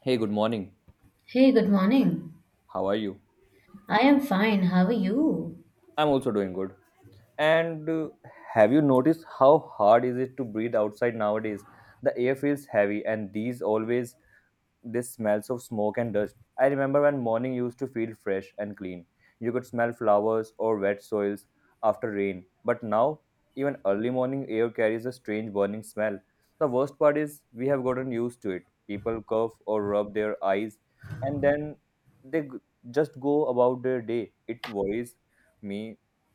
Hey, good morning. Hey, good morning. How are you? I am fine. How are you? I'm also doing good. And have you noticed how hard is it to breathe outside nowadays? The air feels heavy, and these always this smells of smoke and dust. I remember when morning used to feel fresh and clean. You could smell flowers or wet soils after rain. But now, even early morning air carries a strange burning smell. The worst part is we have gotten used to it. People cough or rub their eyes and then they g- just go about their day. It worries me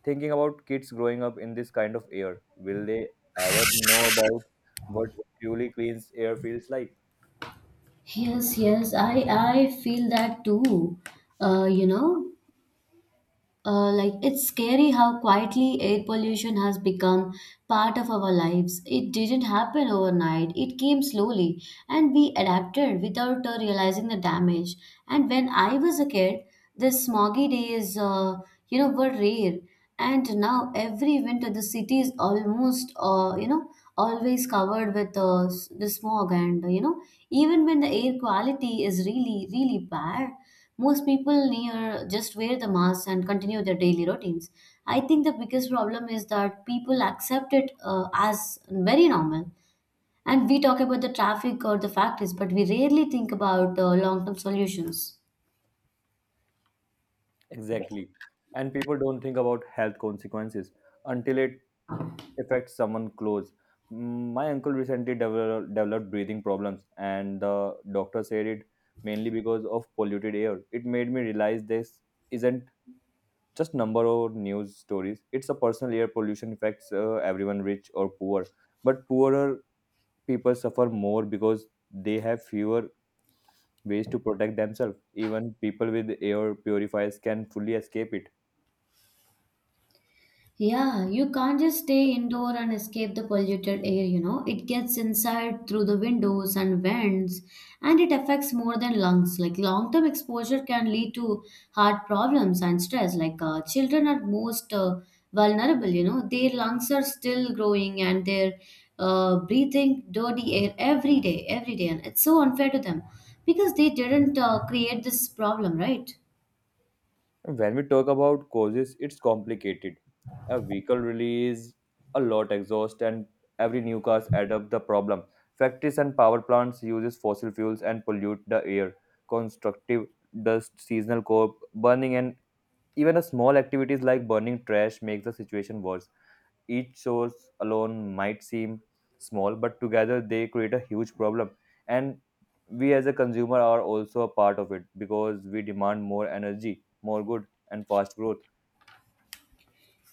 thinking about kids growing up in this kind of air. Will they ever know about what truly clean air feels like? Yes, yes, I feel that too. Uh, you know, like it's scary how quietly air pollution has become part of our lives. It didn't happen overnight. It came slowly, and we adapted without realizing the damage. And when I was a kid, the smoggy days, were rare. And now every winter, the city is almost, always covered with the smog. Even when the air quality is really, really bad, most people near just wear the mask and continue their daily routines. I think the biggest problem is that people accept it as very normal. And we talk about the traffic or the factories, but we rarely think about long term solutions. Exactly. And people don't think about health consequences until it affects someone close. My uncle recently developed breathing problems, and the doctor said it mainly because of polluted air. It made me realize this isn't just number of news stories. It's a personal air pollution affects everyone, rich or poor, but poorer people suffer more because they have fewer ways to protect themselves. Even people with air purifiers can fully escape it. Yeah, you can't just stay indoor and escape the polluted air, you know. It gets inside through the windows and vents, and it affects more than lungs. Like long term exposure can lead to heart problems and stress. Like children are most vulnerable, you know. Their lungs are still growing and they're breathing dirty air every day, every day. And it's so unfair to them because they didn't create this problem, right? When we talk about causes, it's complicated. A vehicle release a lot exhaust, and every new cars add up the problem. Factories and power plants uses fossil fuels and pollute the air. Constructive dust, seasonal crop burning, and even a small activities like burning trash makes the situation worse. Each source alone might seem small, but together they create a huge problem. And we as a consumer are also a part of it because we demand more energy, more good, and fast growth.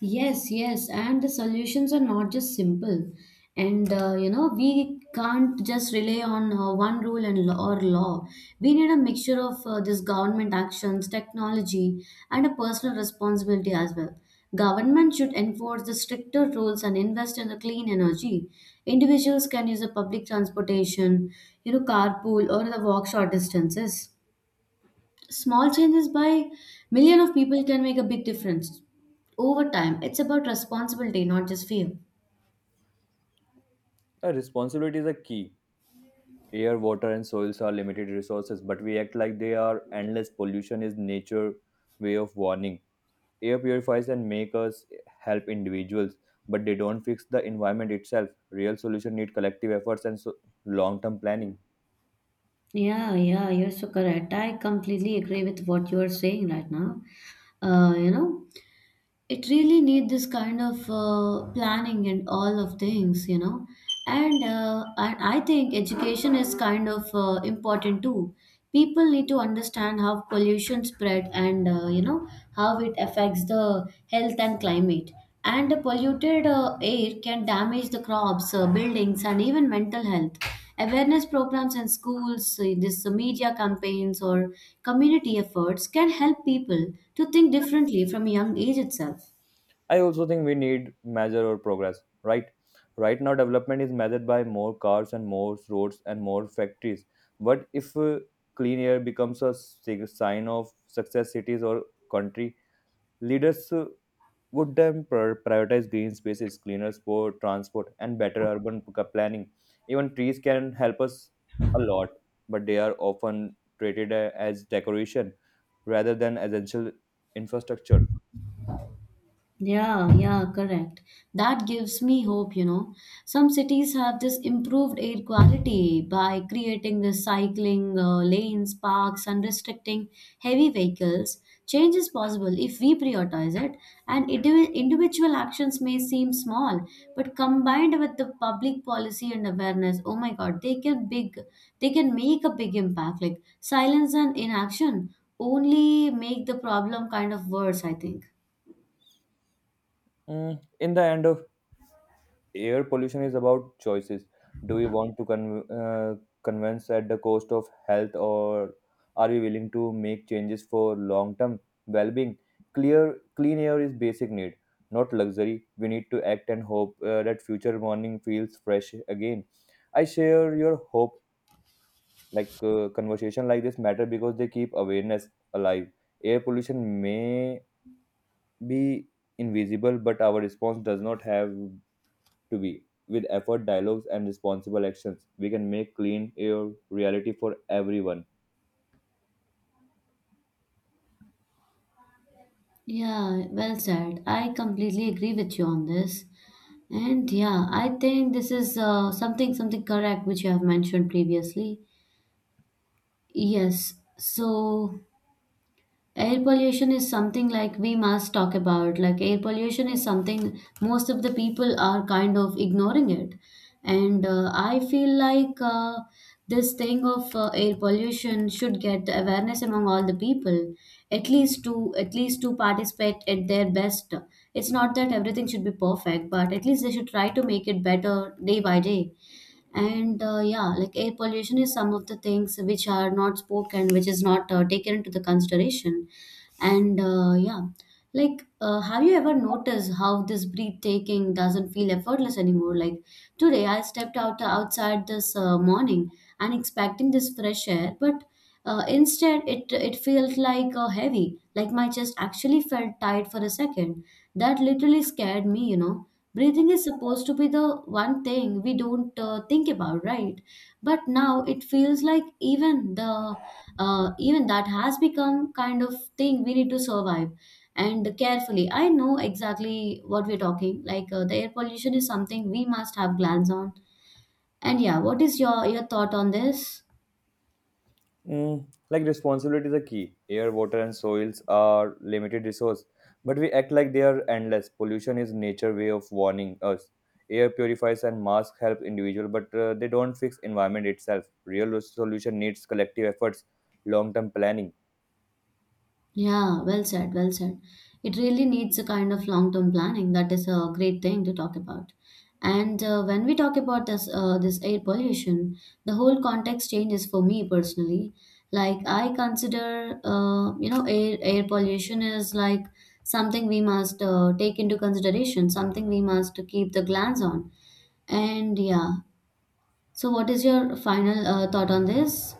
Yes, yes, and the solutions are not just simple. We can't just rely on one rule and law or law. We need a mixture of this government actions, technology, and a personal responsibility as well. Government should enforce the stricter rules and invest in the clean energy. Individuals can use the public transportation, you know, carpool or the walk short distances. Small changes by million of people can make a big difference. Over time, it's about responsibility, not just fear. Responsibility is a key. Air, water, and soils are limited resources, but we act like they are endless. Pollution is nature way of warning. Air purifies and make us help individuals, but they don't fix the environment itself. Real solution need collective efforts and long-term planning. Yeah, yeah, you're so correct. I completely agree with what you are saying right now. Uh, you know, It really need this kind of planning and all of things, you know. And I think education is kind of important too. People need to understand how pollution spread and how it affects the health and climate. And the polluted air can damage the crops, buildings, and even mental health. Awareness programs in schools, this media campaigns, or community efforts can help people to think differently from a young age itself. I also think we need measure or progress, right? Right now, development is measured by more cars and more roads and more factories. But if clean air becomes a sign of success cities or country, leaders would then prioritize green spaces, cleaner sport, transport, and better urban planning. Even trees can help us a lot, but they are often treated as decoration rather than essential infrastructure. Yeah, yeah, correct. That gives me hope, you know. Some cities have this improved air quality by creating the cycling lanes, parks, and restricting heavy vehicles. Change is possible if we prioritize it, and individual actions may seem small, but combined with the public policy and awareness, oh my God, they can make a big impact. Like silence and inaction only make the problem kind of worse, I think. In the end, air pollution is about choices. Do we want to convince at the cost of health, or are we willing to make changes for long-term well-being? Clear, clean air is basic need, not luxury. We need to act and hope that future morning feels fresh again. I share your hope. Conversation like this matter because they keep awareness alive. Air pollution may be invisible, but our response does not have to be. With effort, dialogues, and responsible actions, we can make clean air reality for everyone. Yeah, well said. I completely agree with you on this. And yeah, I think this is something something correct which you have mentioned previously. Yes. So air pollution is something like we must talk about. Like air pollution is something most of the people are kind of ignoring it, and I feel like this thing of air pollution should get the awareness among all the people, at least to participate at their best. It's not that everything should be perfect, but at least they should try to make it better day by day. And yeah Like air pollution is some of the things which are not spoken, which is not taken into the consideration. and uh, yeah have you ever noticed how this breathtaking doesn't feel effortless anymore? Like today, I stepped out outside this morning and expecting this fresh air, but instead, it felt like heavy. Like my chest actually felt tight for a second. That literally scared me. You know, breathing is supposed to be the one thing we don't think about, right? But now it feels like even that has become kind of thing we need to survive and carefully. I know exactly what we're talking. Like the air pollution is something we must have glance on. And yeah, what is your thought on this? Like responsibility is a key. Air, water, and soils are limited resource, but we act like they are endless. Pollution is nature way of warning us. Air purifies and masks help individual, but they don't fix environment itself. Real solution needs collective efforts, long-term planning. Yeah, well said, well said. It really needs a kind of long-term planning. That is a great thing to talk about. And when we talk about this air pollution, the whole context changes for me personally. Like I consider, air pollution is like something we must take into consideration, something we must keep the glance on. And yeah, so what is your final thought on this?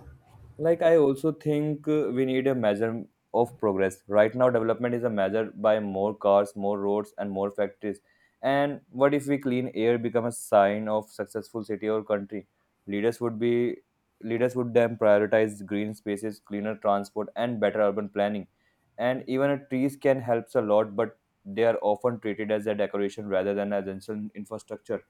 I also think we need a measure of progress. Right now, development is a measure by more cars, more roads, and more factories. And what if we clean air become a sign of successful city or country? Leaders would be Leaders would then prioritize green spaces, cleaner transport, and better urban planning. And even a trees can helps a lot, but they are often treated as a decoration rather than essential infrastructure.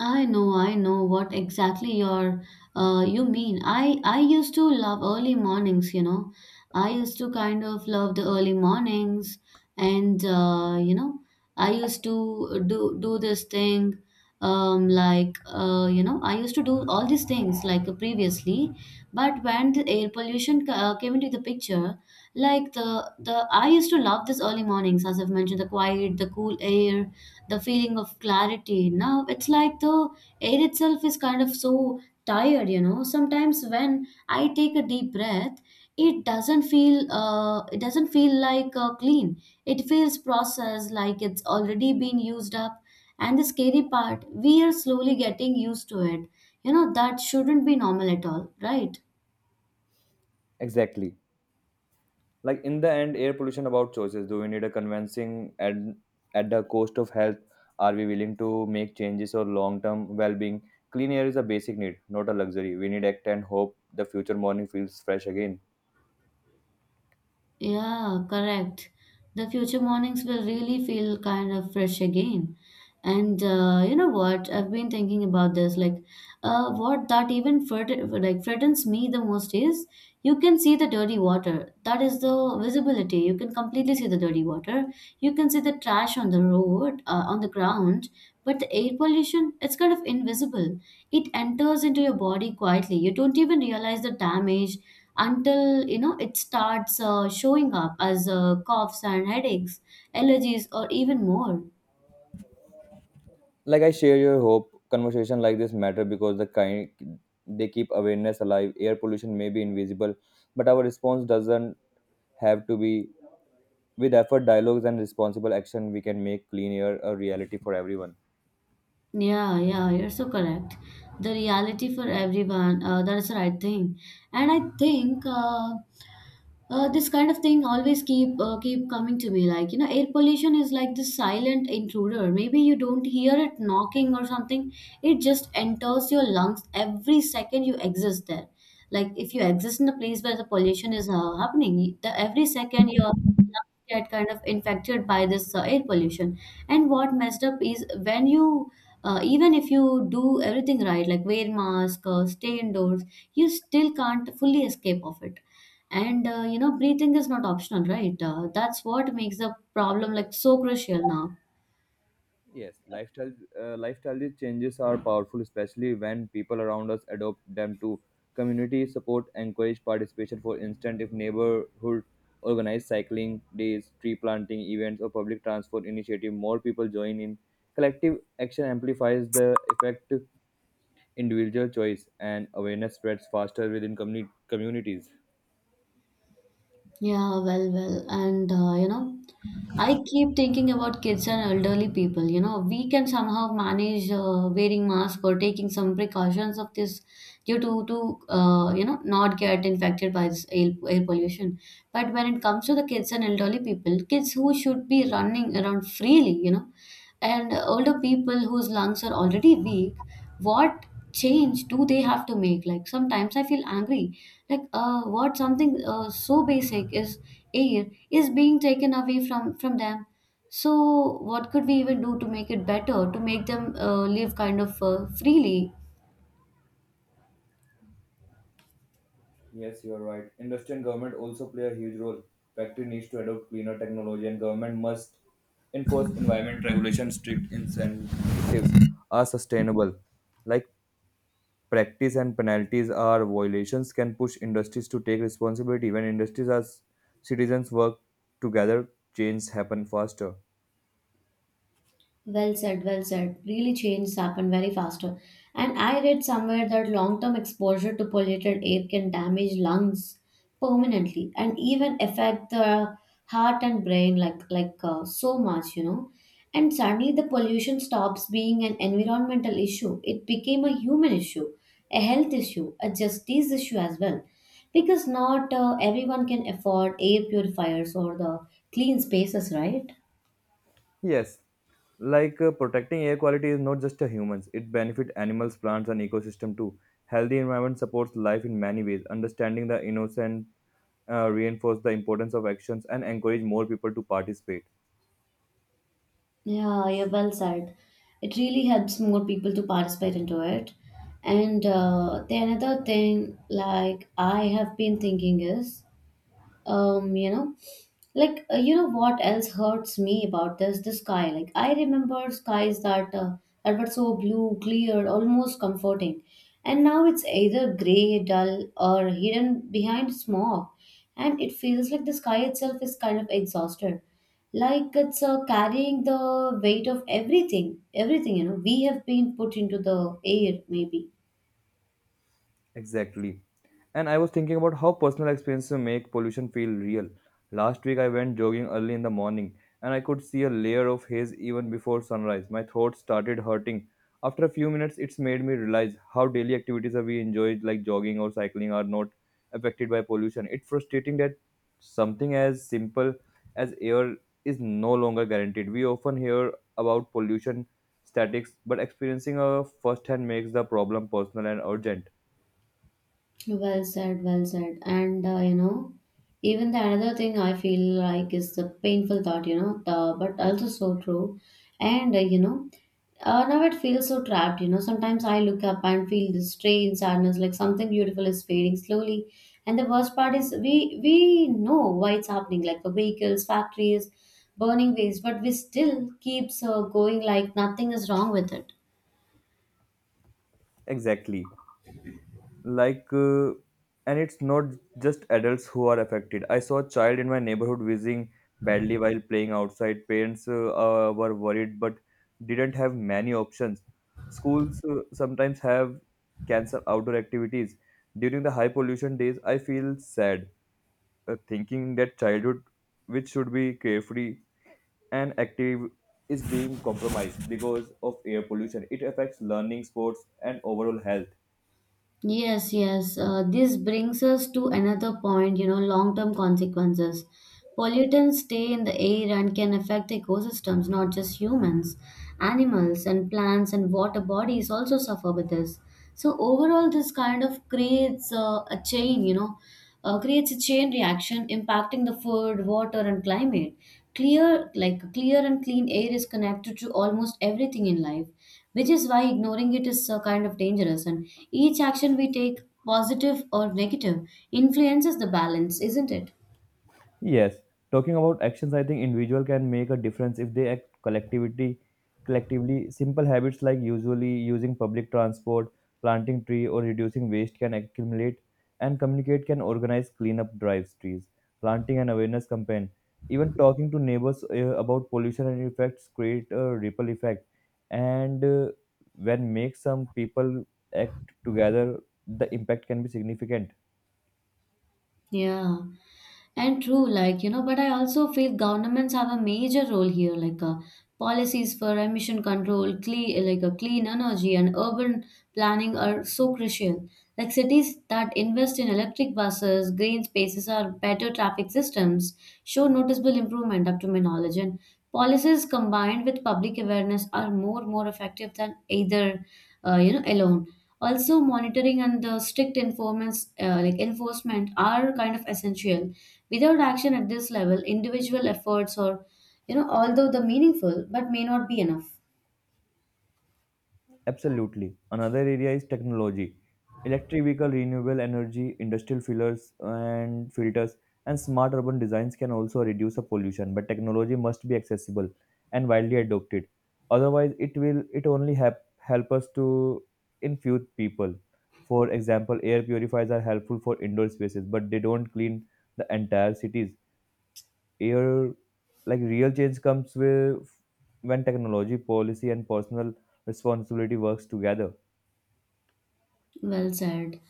I know what exactly you mean. I used to love early mornings, you know. I used to kind of love the early mornings, and uh, you know, I used to do this thing, I used to do all these things like previously. But when the air pollution came into the picture, like the I used to love this early mornings, as I've mentioned, the quiet, the cool air, the feeling of clarity. Now it's like the air itself is kind of so tired, you know. Sometimes when I take a deep breath, it doesn't feel like clean. It feels processed, like it's already been used up. And the scary part, we are slowly getting used to it. You know that shouldn't be normal at all, right? Exactly. Like in the end air pollution about choices, do we need a convincing at at the cost of health? Are we willing to make changes or long-term well-being? Clean air is a basic need, not a luxury. We need act and hope the future morning feels fresh again. Yeah, correct. The future mornings will really feel kind of fresh again. And you know what? I've been thinking about this. Like, what that even fright- like frightens me the most is you can see the dirty water. That is the visibility. You can completely see the dirty water. You can see the trash on the road, on the ground, but the air pollution, it's kind of invisible. It enters into your body quietly. You don't even realize the damage until you know it starts showing up as coughs and headaches, allergies, or even more. Like I share your hope. Conversation like this matter because they keep awareness alive. Air pollution may be invisible, but our response doesn't have to be. With effort, dialogues, and responsible action, we can make clean air a reality for everyone. Yeah, yeah, you're so correct. The reality for everyone, that's the right thing. And I think this kind of thing always keep keep coming to me. Like, you know, air pollution is like this silent intruder. Maybe you don't hear it knocking or something. It just enters your lungs every second you exist there. Like, if you exist in a place where the pollution is happening, the every second your get kind of infected by this air pollution. And what messed up is when even if you do everything right, like wear mask, stay indoors, you still can't fully escape of it. And you know, breathing is not optional, right? That's what makes the problem like so crucial now. Yes, lifestyle changes are powerful, especially when people around us adopt them to community support, encourage participation. For instance, if neighborhood organize cycling days, tree planting events, or public transport initiative, more people join in. Collective action amplifies the effect. Individual choice and awareness spreads faster within communities. Yeah, well, well, and I keep thinking about kids and elderly people. You know, we can somehow manage wearing masks or taking some precautions of this due to not get infected by this air pollution. But when it comes to the kids and elderly people, kids who should be running around freely, you know, and older people whose lungs are already weak, what change do they have to make? Like sometimes I feel angry, like what something so basic is air is being taken away from them. So what could we even do to make it better, to make them live kind of freely? Yes, you are right. Industry and government also play a huge role. Factory needs to adopt cleaner technology, and government must enforce environment regulations. Strict incentives are sustainable. Like practice and penalties are violations can push industries to take responsibility. When industries as citizens work together, change happen faster. Well said, well said. Really, changes happen very faster. And I read somewhere that long term exposure to polluted air can damage lungs permanently and even affect the heart and brain like so much, you know. And suddenly, the pollution stops being an environmental issue. It became a human issue, a health issue, a justice issue as well, because not everyone can afford air purifiers or the clean spaces, right? Yes, protecting air quality is not just a humans, it benefits animals, plants, and ecosystem too. Healthy environment supports life in many ways. Understanding the innocent reinforce the importance of actions and encourage more people to participate. Yeah, yeah, well said. It really helps more people to participate into it. And the another thing, like I have been thinking is, um you know what else hurts me about this the sky? Like I remember skies that that were so blue, clear, almost comforting, and now it's either gray, dull, or hidden behind smog. And it feels like the sky itself is kind of exhausted, like it's carrying the weight of everything you know we have been put into the air maybe. Exactly. And I was thinking about how personal experiences make pollution feel real. Last week I went jogging early in the morning and I could see a layer of haze even before sunrise. My throat started hurting. After a few minutes, it's made me realize how daily activities that we enjoy, like jogging or cycling, are not affected by pollution. It's frustrating that something as simple as air is no longer guaranteed. We often hear about pollution statics, but experiencing a firsthand makes the problem personal and urgent. Well said, well said. Even the another thing I feel like is the painful thought, you know, but also so true. And uh, you know, Now it feels so trapped, you know. Sometimes I look up and feel this strange sadness, like something beautiful is fading slowly. And the worst part is we know why it's happening, like the vehicles, factories, burning waste, but we still keeps going like nothing is wrong with it. Exactly. Like, uh, and it's not just adults who are affected. I saw a child in my neighborhood wheezing badly while playing outside. Parents were worried but didn't have many options. Schools sometimes have cancel outdoor activities. During the high pollution days, I feel sad thinking that childhood, which should be carefree and active, is being compromised because of air pollution. It affects learning, sports, and overall health. Yes, yes. This brings us to another point, you know, long term consequences. Pollutants stay in the air and can affect ecosystems, not just humans. Animals and plants and water bodies also suffer with this. So, overall, this kind of creates a chain, you know, creates a chain reaction impacting the food, water, and climate. Clear, like clear and clean air is connected to almost everything in life, which is why ignoring it is kind of dangerous. And each action we take, positive or negative, influences the balance, isn't it? Yes, talking about actions, I think individual can make a difference if they act collectively. Simple habits like usually using public transport, planting tree, or reducing waste can accumulate, and communicate can organize cleanup drives, trees, planting and awareness campaign. Even talking to neighbors about pollution and effects create a ripple effect, and when make some people act together, the impact can be significant. Yeah. And true, like, you know, but I also feel governments have a major role here, like policies for emission control, clean, like a clean energy and urban planning are so crucial. Like cities that invest in electric buses, green spaces or better traffic systems show noticeable improvement up to my knowledge. And policies combined with public awareness are more effective than either, you know, alone. Also monitoring and the strict enforcement like enforcement are kind of essential. Without action at this level, individual efforts, or you know, although the meaningful, but may not be enough. Absolutely. Another area is technology. Electric vehicle, renewable energy, industrial fillers and filters, and smart urban designs can also reduce the pollution. But technology must be accessible and widely adopted. Otherwise, it will it only help us to infuse people. For example, air purifiers are helpful for indoor spaces, but they don't clean the entire cities. Air Like real change comes with when technology, policy, and personal responsibility works together. Well said.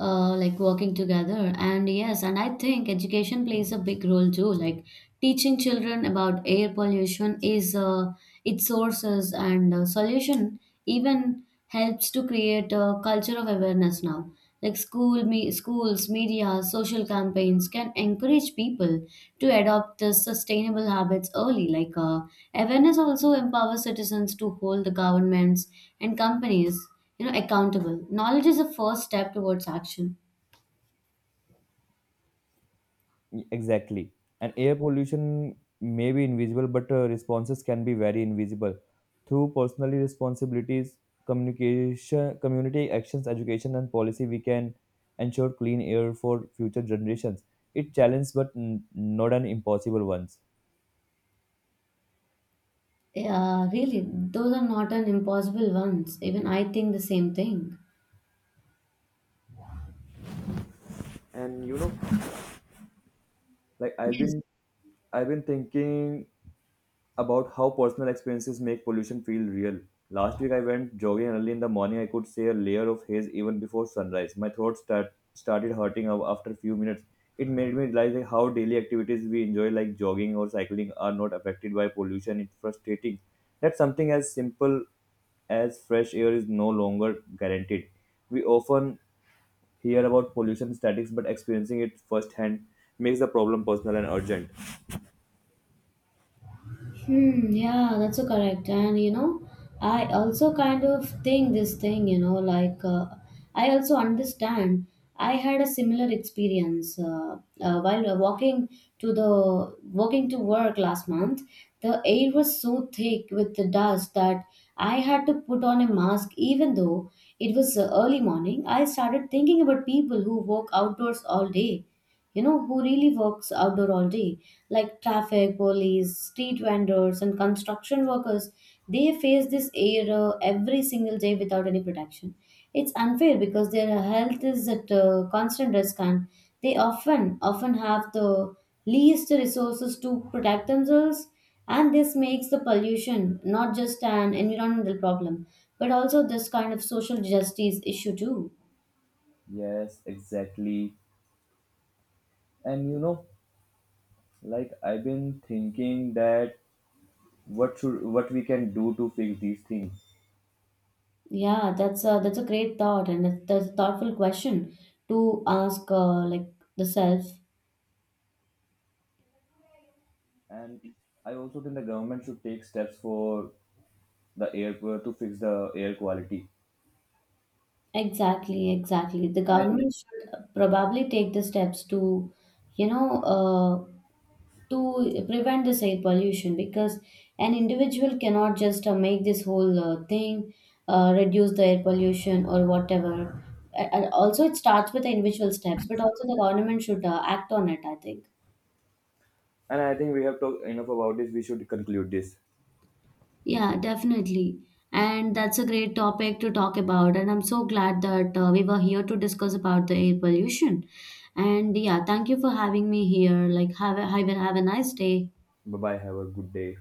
Like working together. And yes, and I think education plays a big role too. Like teaching children about air pollution is its sources and solution even helps to create a culture of awareness now. Like school, me, schools, media, social campaigns can encourage people to adopt the sustainable habits early. Like awareness also empowers citizens to hold the governments and companies, you know, accountable. Knowledge is a first step towards action. Exactly. And air pollution may be invisible, but responses can be very invisible through personal responsibilities, communication, community actions, education, and policy. We can ensure clean air for future generations. It challenge, but not an impossible ones. Yeah, really, those are not an impossible ones. Even I think the same thing. Like I've Yes. been, I've been thinking about how personal experiences make pollution feel real. Last week I went jogging early in the morning. I could see a layer of haze even before sunrise. My throat started hurting after a few minutes. It made me realize like how daily activities we enjoy like jogging or cycling are not affected by pollution. It's frustrating that something as simple as fresh air is no longer guaranteed. We often hear about pollution statistics, but experiencing it firsthand makes the problem personal and urgent. Hmm, yeah, that's so correct. And you know, I also kind of think this thing, you know, I also understand. I had a similar experience while walking to work last month. The air was so thick with the dust that I had to put on a mask, even though it was early morning. I started thinking about people who walk outdoors all day, you know, who really works outdoor all day, like traffic, police, street vendors, and construction workers. They face this air every single day without any protection. It's unfair because their health is at constant risk, and they often have the least resources to protect themselves. And this makes the pollution not just an environmental problem, but also this kind of social justice issue too. Yes, exactly. And you know, like I've been thinking that what we can do to fix these things. Yeah, that's a great thought, and it's, that's a thoughtful question to ask, like the self. And I also think the government should take steps for the air to fix the air quality. Exactly, exactly. The And I think government should probably take the steps to, you know, to prevent this air pollution because an individual cannot just make this whole thing, reduce the air pollution or whatever. And also, it starts with the individual steps, but also the government should act on it, I think. We have talked enough about this, we should conclude this. Yeah, definitely. And that's a great topic to talk about. And I'm so glad that we were here to discuss about the air pollution. And yeah, thank you for having me here. Like, have a nice day. Bye bye, have a good day.